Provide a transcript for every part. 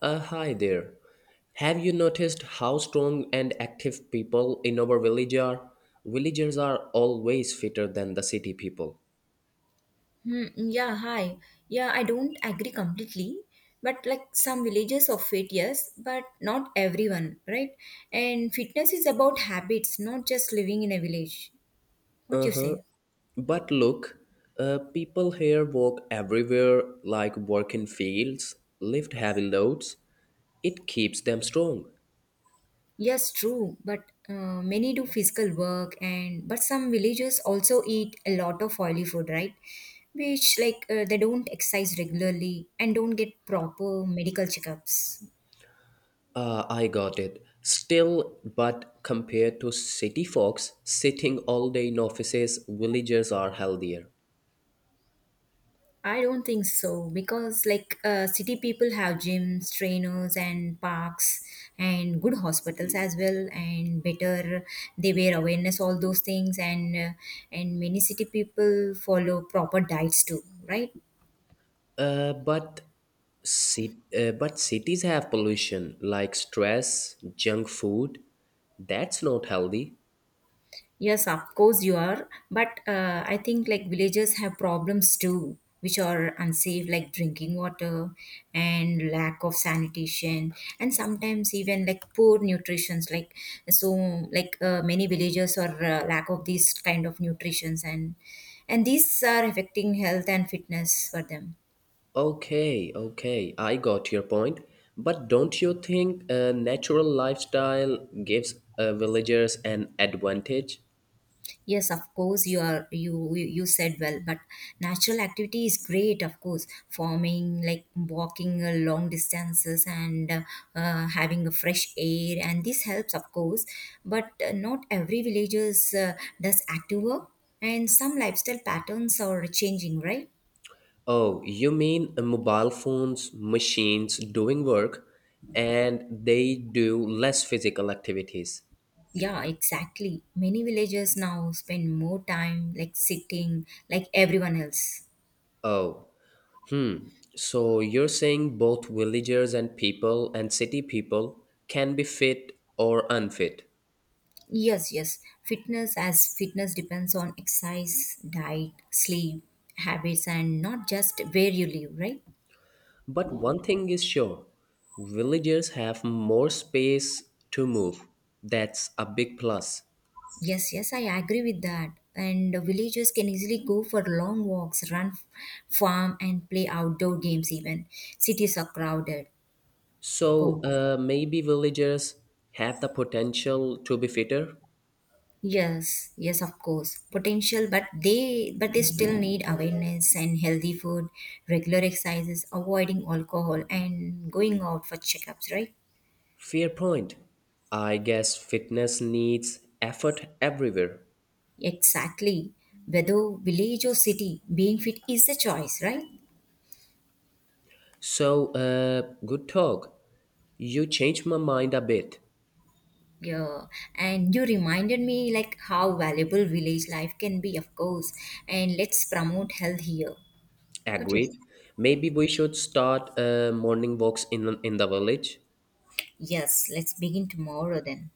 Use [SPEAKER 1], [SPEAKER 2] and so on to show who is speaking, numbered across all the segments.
[SPEAKER 1] Hi there. Have you noticed how strong and active people in our village are? Villagers are always fitter than the city people.
[SPEAKER 2] Hmm, yeah, hi. Yeah, I don't agree completely, but like some villages of it, yes, but not everyone, right? And fitness is about habits, not just living in a village. What
[SPEAKER 1] Uh
[SPEAKER 2] you
[SPEAKER 1] huh.
[SPEAKER 2] say?
[SPEAKER 1] But look, people here walk everywhere, like work in fields, lift heavy loads. It keeps them strong.
[SPEAKER 2] Yes, true, but many do physical work and but some villagers also eat a lot of oily food, right? Which like they don't exercise regularly and don't get proper medical checkups.
[SPEAKER 1] I got it. Still, but compared to city folks sitting all day in offices, villagers are healthier.
[SPEAKER 2] I don't think so because, like, city people have gyms, trainers, and parks, and good hospitals as well, and better they wear awareness all those things, and many city people follow proper diets too, right?
[SPEAKER 1] Uh, but but cities have pollution like stress, junk food. That's not healthy.
[SPEAKER 2] Yes, of course you are. But I think like villagers have problems too, which are unsafe, like drinking water and lack of sanitation, and sometimes even like poor nutritions. Like so, like many villagers are lack of these kind of nutritions, and these are affecting health and fitness for them.
[SPEAKER 1] Okay, okay, I got your point. But don't you think a natural lifestyle gives villagers an advantage?
[SPEAKER 2] Yes, of course, you are you you you said well, but natural activity is great, of course. Farming, like walking long distances and having a fresh air, and this helps, of course. But not every villagers does active work, and some lifestyle patterns are changing, right?
[SPEAKER 1] Oh, you mean mobile phones, machines doing work, and they do less physical activities.
[SPEAKER 2] Yeah, exactly. Many villagers now spend more time like sitting, like everyone else.
[SPEAKER 1] Oh. Hmm. So you're saying both villagers and people and city people can be fit or unfit.
[SPEAKER 2] Yes, yes. Fitness as fitness depends on exercise, diet, sleep, habits, and not just where you live, right?
[SPEAKER 1] But one thing is sure, villagers have more space to move. That's a big plus.
[SPEAKER 2] Yes, yes, I agree with that. And villagers can easily go for long walks, run, farm, and play outdoor games, even. Cities are crowded, of
[SPEAKER 1] So
[SPEAKER 2] course.
[SPEAKER 1] maybe villagers have the potential to be fitter?
[SPEAKER 2] Yes, yes, of course. Potential, but they still need awareness and healthy food, regular exercises, avoiding alcohol, and going out for checkups, right?
[SPEAKER 1] Fair point. I guess fitness needs effort everywhere.
[SPEAKER 2] Exactly. Whether village or city, being fit is a choice, right?
[SPEAKER 1] So, good talk. You changed my mind a bit.
[SPEAKER 2] Yeah. And you reminded me like how valuable village life can be, of course. And let's promote health here. What is?
[SPEAKER 1] Agreed. Maybe we should start morning walks in the village.
[SPEAKER 2] Yes, let's begin tomorrow then.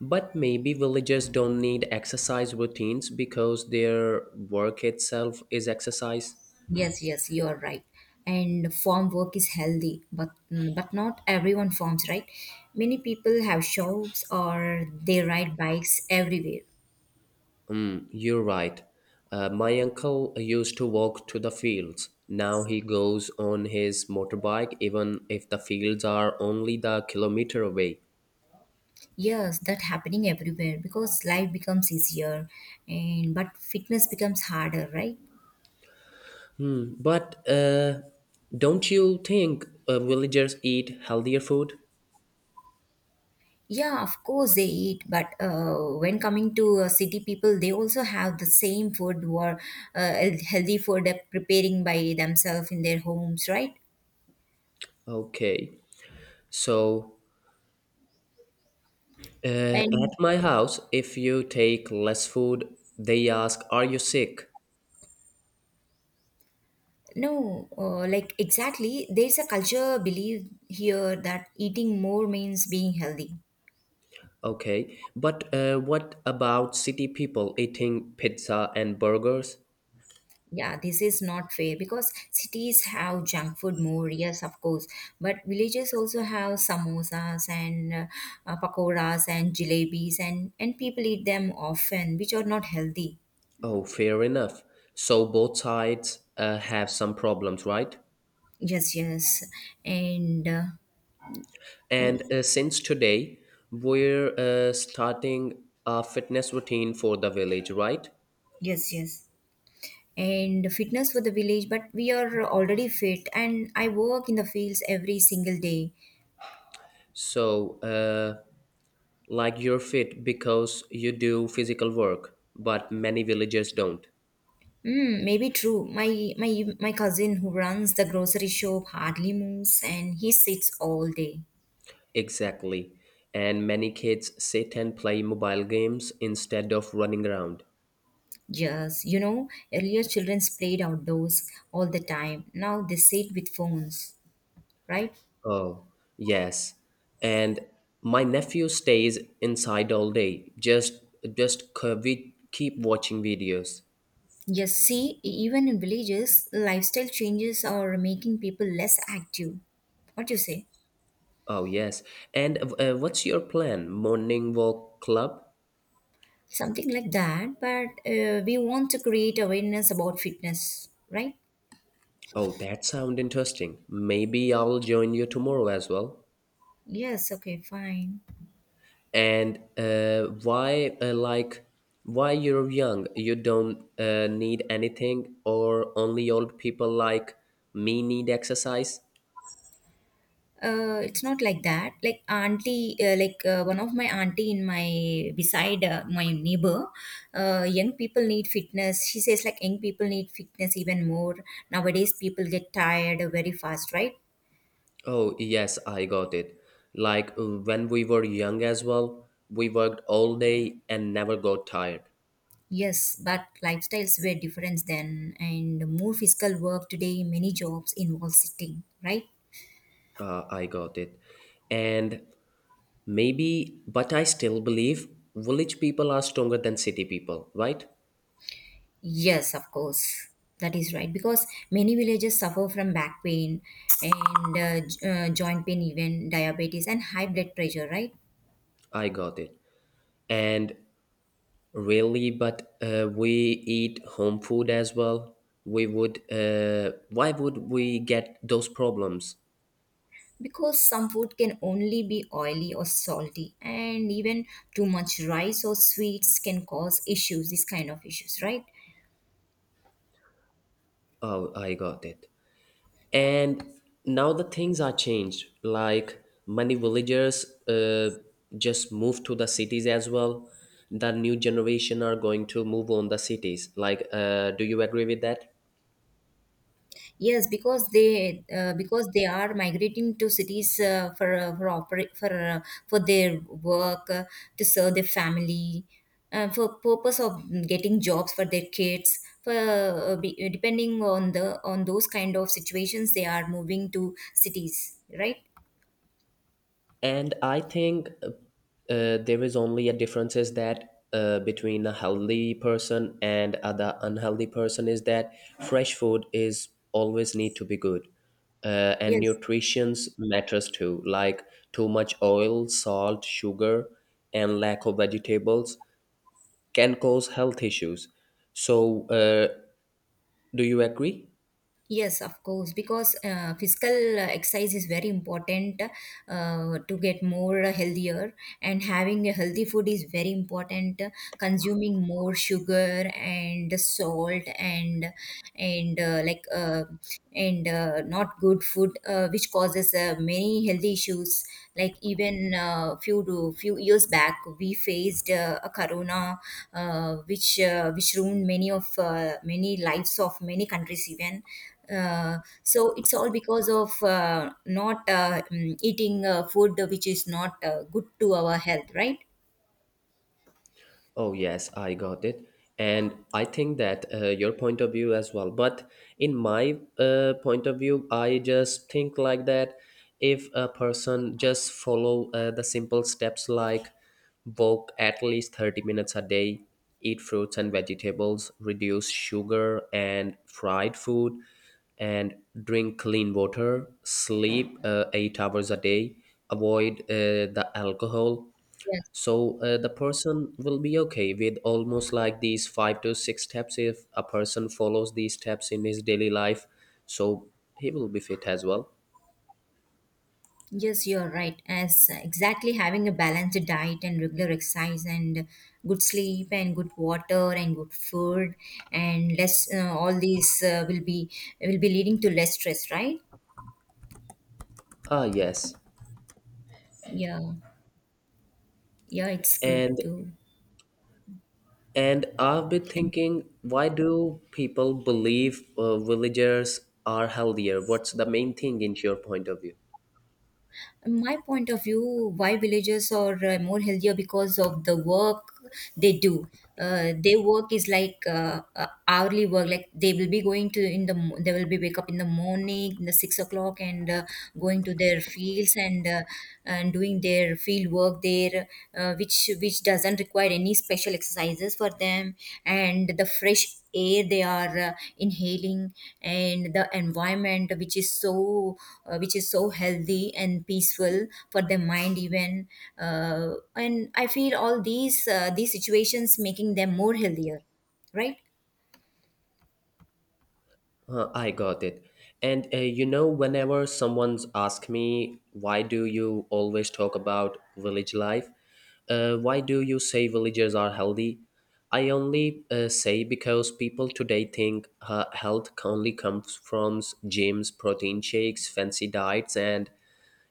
[SPEAKER 1] But maybe villagers don't need exercise routines because their work itself is exercise.
[SPEAKER 2] Yes, yes, you are right. And farm work is healthy, but not everyone farms, right? Many people have shops or they ride bikes everywhere.
[SPEAKER 1] You're right. My uncle used to walk to the fields. Now he goes on his motorbike, even if the fields are only the kilometer away.
[SPEAKER 2] Yes, that happening everywhere because life becomes easier and but fitness becomes harder, right?
[SPEAKER 1] But don't you think villagers eat healthier food?
[SPEAKER 2] Yeah, of course they eat, but when coming to city people, they also have the same food or healthy food preparing by themselves in their homes, right?
[SPEAKER 1] Okay, so, at
[SPEAKER 2] And
[SPEAKER 1] my house, if you take less food, they ask, "Are you sick?"
[SPEAKER 2] no, like exactly, there's a culture belief here that eating more means being healthy.
[SPEAKER 1] Okay. But what about city people eating pizza and burgers?
[SPEAKER 2] Yeah, this is not fair because cities have junk food more, yes, of course, but villages also have samosas and pakoras and jalebis, and people eat them often, which are not healthy.
[SPEAKER 1] Oh, fair enough. So both sides have some problems, right?
[SPEAKER 2] Yes, yes, and uh,
[SPEAKER 1] And since today, we're starting a fitness routine for the village, right?
[SPEAKER 2] yes, yes, and fitness for the village, but we are already fit, and I work in the fields every single day.
[SPEAKER 1] So, like you're fit because you do physical work, but many villagers don't.
[SPEAKER 2] Mm, maybe true. My cousin who runs the grocery shop hardly moves, and he sits all day.
[SPEAKER 1] Exactly. And many kids sit and play mobile games instead of running around.
[SPEAKER 2] Yes, you know, earlier children played outdoors all the time. Now they sit with phones, right?
[SPEAKER 1] Oh, yes. And my nephew stays inside all day. We keep watching videos.
[SPEAKER 2] Yes, see, even in villages, lifestyle changes are making people less active. What do you say?
[SPEAKER 1] Oh, yes. And what's your plan? Morning walk club?
[SPEAKER 2] Something like that, but we want to create awareness about fitness, right?
[SPEAKER 1] Oh, that sound interesting. Maybe I'll join you tomorrow as well.
[SPEAKER 2] Yes, okay, fine.
[SPEAKER 1] And why you're young, you don't need anything, or only old people like me need exercise?
[SPEAKER 2] It's not like that. Like auntie, like one of my auntie in my beside my neighbor, young people need fitness. She says like young people need fitness even more nowadays. People get tired very fast, right?
[SPEAKER 1] Oh, yes, I got it. Like, when we were young as well, we worked all day and never got tired.
[SPEAKER 2] Yes, but lifestyles were different then, and more physical work today. Many jobs involve sitting, right?
[SPEAKER 1] Uh, I got it. And maybe, but I still believe village people are stronger than city people, right?
[SPEAKER 2] Yes, of course. That is right because many villages suffer from back pain and joint pain, even diabetes and high blood pressure, right?
[SPEAKER 1] I got it. And really, but we eat home food as well. We would, why would we get those problems?
[SPEAKER 2] Because some food can only be oily or salty, and even too much rice or sweets can cause issues, these kind of issues, right?
[SPEAKER 1] Oh, I got it. And now the things are changed. Like, many villagers just move to the cities as well. The new generation are going to move on the cities. Like, do you agree with that?
[SPEAKER 2] Yes, because they are migrating to cities for operate for their work to serve their family for purpose of getting jobs for their kids for be, depending on the on those kind of situations they are moving to cities right
[SPEAKER 1] And I think there is only a difference, is that between a healthy person and other unhealthy person is that fresh food is always need to be good, and
[SPEAKER 2] yes.
[SPEAKER 1] nutrition's matters too, like too much oil, salt, sugar, and lack of vegetables can cause health issues. So do you agree?
[SPEAKER 2] Yes, of course, because physical exercise is very important to get more healthier, and having a healthy food is very important. Consuming more sugar and salt and uh, like uh, and not good food which causes many health issues like even few years back we faced a corona which ruined many lives of many countries even uh, so it's all because of not mm, eating food which is not good to our health right.
[SPEAKER 1] Oh, yes, I got it. And I think that, your point of view as well. But in my point of view, I just think like that, if a person just follow the simple steps, like walk at least 30 minutes a day, eat fruits and vegetables, reduce sugar and fried food, and drink clean water, sleep 8 hours a day, avoid the alcohol. So the person will be okay with almost like these five to six steps, if a person follows these steps in his daily life, so he will be fit as well.
[SPEAKER 2] Yes, you're right. As exactly having a balanced diet and regular exercise and good sleep and good water and good food and less all these will be leading to less stress, right?
[SPEAKER 1] Ah, yes.
[SPEAKER 2] Yeah, yeah, it's good
[SPEAKER 1] and
[SPEAKER 2] too.
[SPEAKER 1] and I've been thinking, why do people believe villagers are healthier? What's the main thing in your point of view?
[SPEAKER 2] My point of view why villagers are more healthier because of the work they do. Their work is like hourly work like they will be going to in the mo- they will be wake up in the morning in the 6 o'clock and going to their fields and and doing their field work there which doesn't require any special exercises for them, and the fresh air they are inhaling, and the environment which is so healthy and peaceful for their mind even, uh, and I feel all these situations making them more healthier right
[SPEAKER 1] I got it. And whenever someone's asked me, why do you always talk about village life? Why do you say villagers are healthy? I only say because people today think health only comes from gyms, protein shakes, fancy diets, and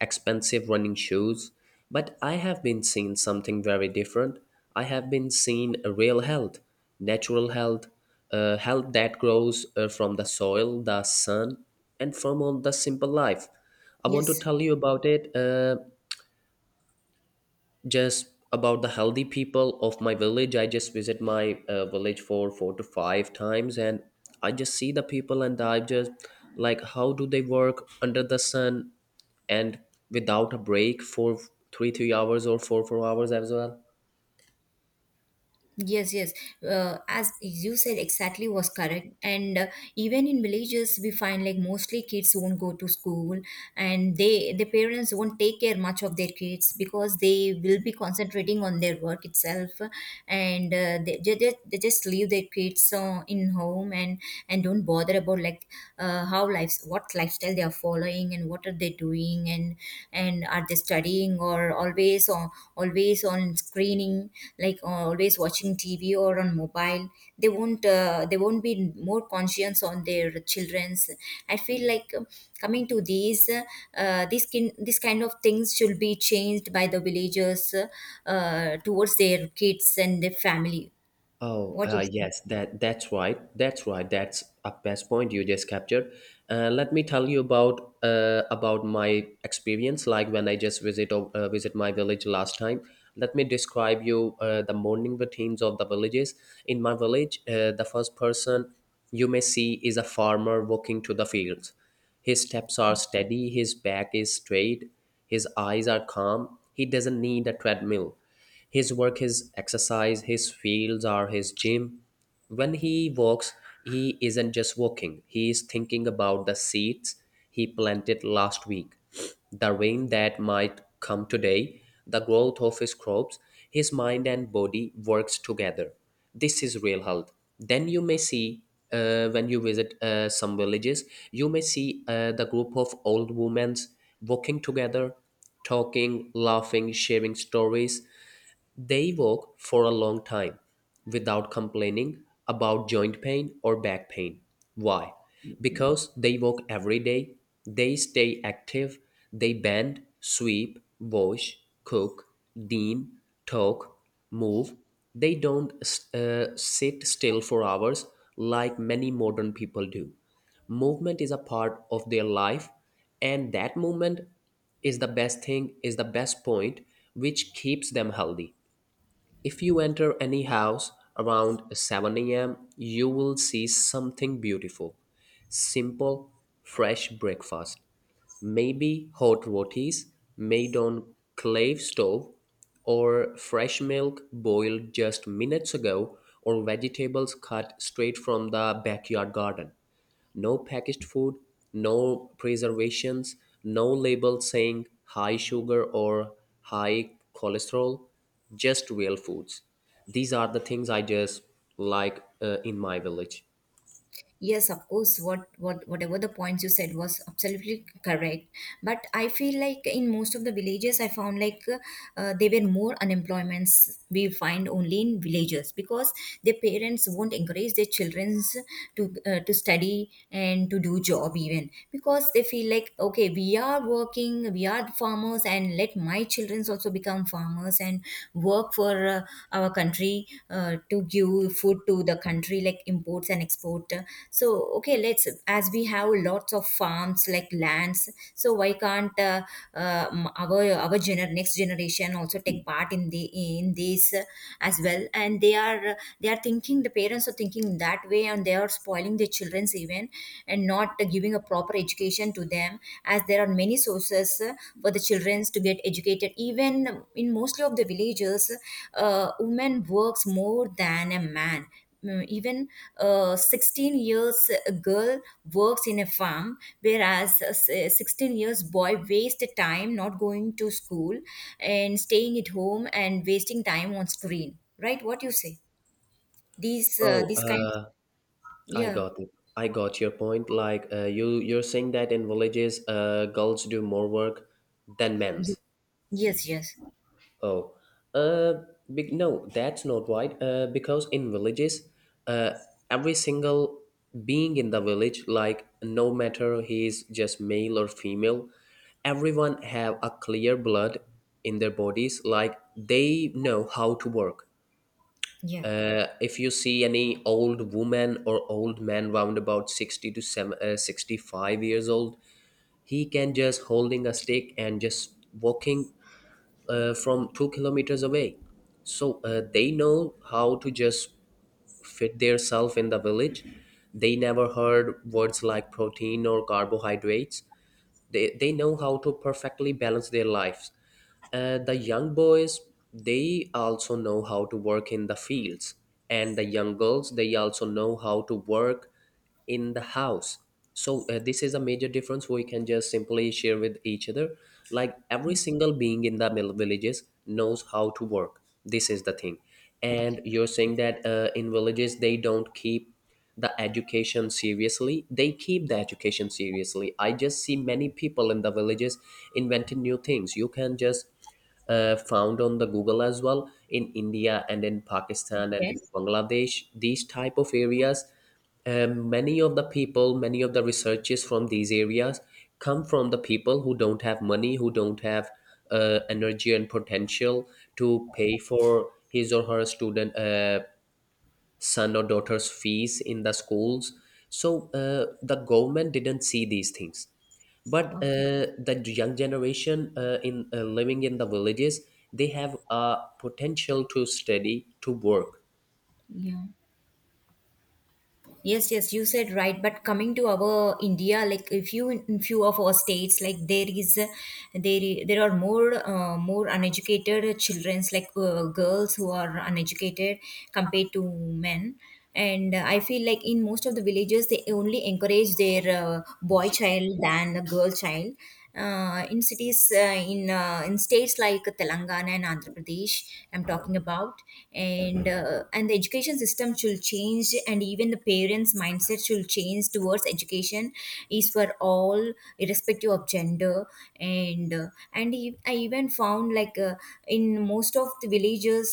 [SPEAKER 1] expensive running shoes. But I have been seeing something very different. I have been seeing a real health, natural health, health that grows from the soil, the sun, and from all the simple life. I want to
[SPEAKER 2] yes.
[SPEAKER 1] tell you about it. Just about the healthy people of my village. I just visit my village for four to five times, and I just see the people, and I just like how do they work under the sun and without a break for three hours or four hours as well.
[SPEAKER 2] Yes, yes. As you said, exactly was correct. And even in villages, we find like mostly kids won't go to school, and the parents won't take care much of their kids because they will be concentrating on their work itself, and they just leave their kids in home and don't bother about like how lives what lifestyle they are following and what are they doing and are they studying or always on screening, like always watching tv or on mobile. They won't be more conscious on their children's. I feel like coming to these this kin this kind of things should be changed by the villagers, towards their kids and their family.
[SPEAKER 1] Oh,
[SPEAKER 2] What do you say?
[SPEAKER 1] yes, that's right. That's right. That's a best point you just captured. Let me tell you about about my experience. Like when I just visit my village last time. Let me describe you the morning routines of the villages. In my village, the first person you may see is a farmer walking to the fields. His steps are steady, his back is straight, his eyes are calm. He doesn't need a treadmill. His work, his exercise, his fields are his gym. When he walks, he isn't just walking, he is thinking about the seeds he planted last week, the rain that might come today, the growth of his crops. His mind and body works together. This is real health. Then you may see, when you visit some villages, you may see the group of old women walking together, talking, laughing, sharing stories. They walk for a long time without complaining about joint pain or back pain. Why? Because they walk every day, they stay active, they bend, sweep, wash, cook, dean, talk, move. They don't sit still for hours like many modern people do. Movement is a part of their life, and that movement is the best thing, is the best point which keeps them healthy. If you enter any house around 7 a.m., you will see something beautiful. Simple, fresh breakfast. Maybe hot rotis made on clay stove, or fresh milk boiled just minutes ago, or vegetables cut straight from the backyard garden. No packaged food, no preservations, no label saying high sugar or high cholesterol, just real foods. These are the things I just like in my village.
[SPEAKER 2] Yes, of course. Whatever the points you said was absolutely correct, but I feel like in most of the villages I found like there were more unemployments we find only in villages, because their parents won't encourage their children to study and to do job even, because they feel like okay, we are working, we are farmers, and let my children also become farmers and work for our country to give food to the country like imports and export. So okay, let's, as we have lots of farms like lands, so why can't next generation also take part in this, as well. And they are thinking, the parents are thinking that way, and they are spoiling their children's even, and not giving a proper education to them, as there are many sources for the childrens to get educated, even in mostly of the villages, women works more than a man. Mm, even a 16 years girl works in a farm whereas a 16 years boy waste time not going to school and staying at home and wasting time on screen, right? What you say? these uh,
[SPEAKER 1] Oh,
[SPEAKER 2] these kinds.
[SPEAKER 1] I
[SPEAKER 2] Yeah.
[SPEAKER 1] got it. I got your point. Like, you're saying that in villages, girls do more work than
[SPEAKER 2] Ye-
[SPEAKER 1] men's.
[SPEAKER 2] yes yes.
[SPEAKER 1] Oh, uh, big no, that's not right. Because in villages, uh, every single being in the village, like no matter he is just male or female, everyone have a clear blood in their bodies. Like they know how to work.
[SPEAKER 2] Yeah.
[SPEAKER 1] If you see any old woman or old man round about 60 to 65 years old, he can just holding a stick and just walking from 2 kilometers away. So they know how to just fit themselves in the village. They never heard words like protein or carbohydrates. They know how to perfectly balance their lives, and the young boys, they also know how to work in the fields, and the young girls, they also know how to work in the house. So this is a major difference we can just simply share with each other, like every single being in the mill villages knows how to work. This is the thing. And you're saying that in villages they don't keep the education seriously. They keep the education seriously. I just see many people in the villages inventing new things. You can just found on the Google as well, in India and in Pakistan and in
[SPEAKER 2] Yes,
[SPEAKER 1] Bangladesh, these type of areas. Many of the people, many of the researchers from these areas come from the people who don't have money, who don't have energy and potential to pay for his or her student son or daughter's fees in the schools. So the government didn't see these things, but
[SPEAKER 2] okay.
[SPEAKER 1] the young generation, in living in the villages, they have a potential to study to work.
[SPEAKER 2] Yeah. Yes, yes, you said right. But coming to our India, like if you in few of our states, like there is, there I- there are more more uneducated childrens, like girls who are uneducated compared to men. And I feel like in most of the villages, they only encourage their boy child than the girl child. In cities, in states like Telangana and Andhra Pradesh, I'm talking about, and the education system should change, and even the parents mindset should change towards education is for all, irrespective of gender. And I even found like in most of the villages,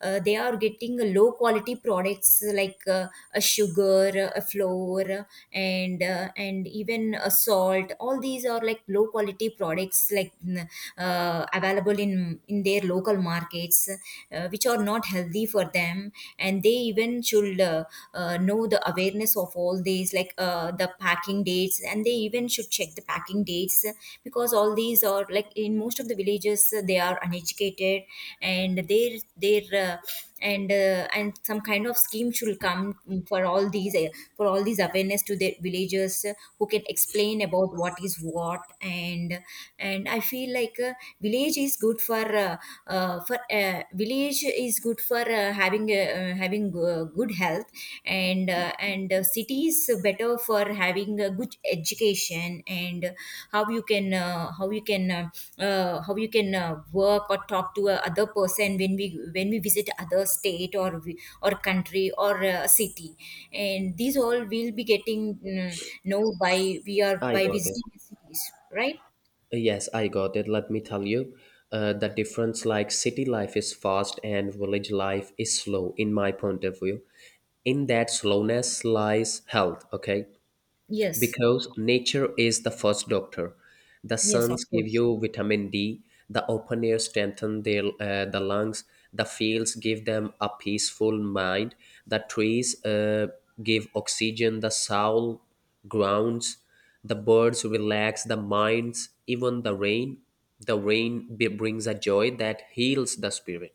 [SPEAKER 2] they are getting low quality products, like a sugar, a flour, and even a salt, all these are like low quality products, available in their local markets, which are not healthy for them, and they even should know the awareness of all these, like the packing dates, and they even should check the packing dates, because all these are like in most of the villages, they are uneducated, and their and some kind of scheme should come for all these uh, for all these awareness to the villagers, who can explain about what is what. And I feel like, village is good for uh, village is good for having good health, and city is better for having a good education, and how you can work or talk to a other person when we visit other state or country or city, and these all will be getting know by we are
[SPEAKER 1] I
[SPEAKER 2] by
[SPEAKER 1] got it.
[SPEAKER 2] visiting cities, right?
[SPEAKER 1] Yes, I got it. Let me tell you, the difference, like city life is fast and village life is slow, in my point of view. In that slowness lies health, okay?
[SPEAKER 2] Yes.
[SPEAKER 1] Because nature is the first doctor. The
[SPEAKER 2] Yes, of
[SPEAKER 1] suns give
[SPEAKER 2] course.
[SPEAKER 1] you vitamin D, the open air strengthen the lungs, the fields give them a peaceful mind, the trees give oxygen, the soul grounds, the birds relax the minds, even the rain. The rain brings a joy that heals the spirit.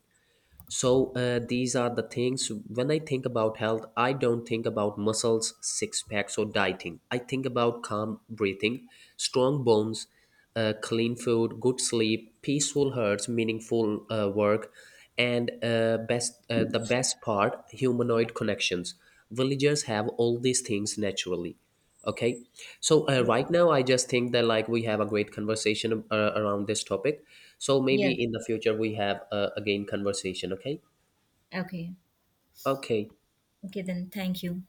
[SPEAKER 1] So these are the things. When I think about health, I don't think about muscles, six packs, or dieting. I think about calm breathing, strong bones, clean food, good sleep, peaceful hearts, meaningful work, and best the best part, humanoid connections. Villagers have all these things naturally. Okay. So
[SPEAKER 2] Yes,
[SPEAKER 1] right now, I just think that like we have a great conversation around this topic. So maybe
[SPEAKER 2] yes.
[SPEAKER 1] in the future we have again conversation. Okay.
[SPEAKER 2] Okay.
[SPEAKER 1] Okay.
[SPEAKER 2] Okay, then thank you.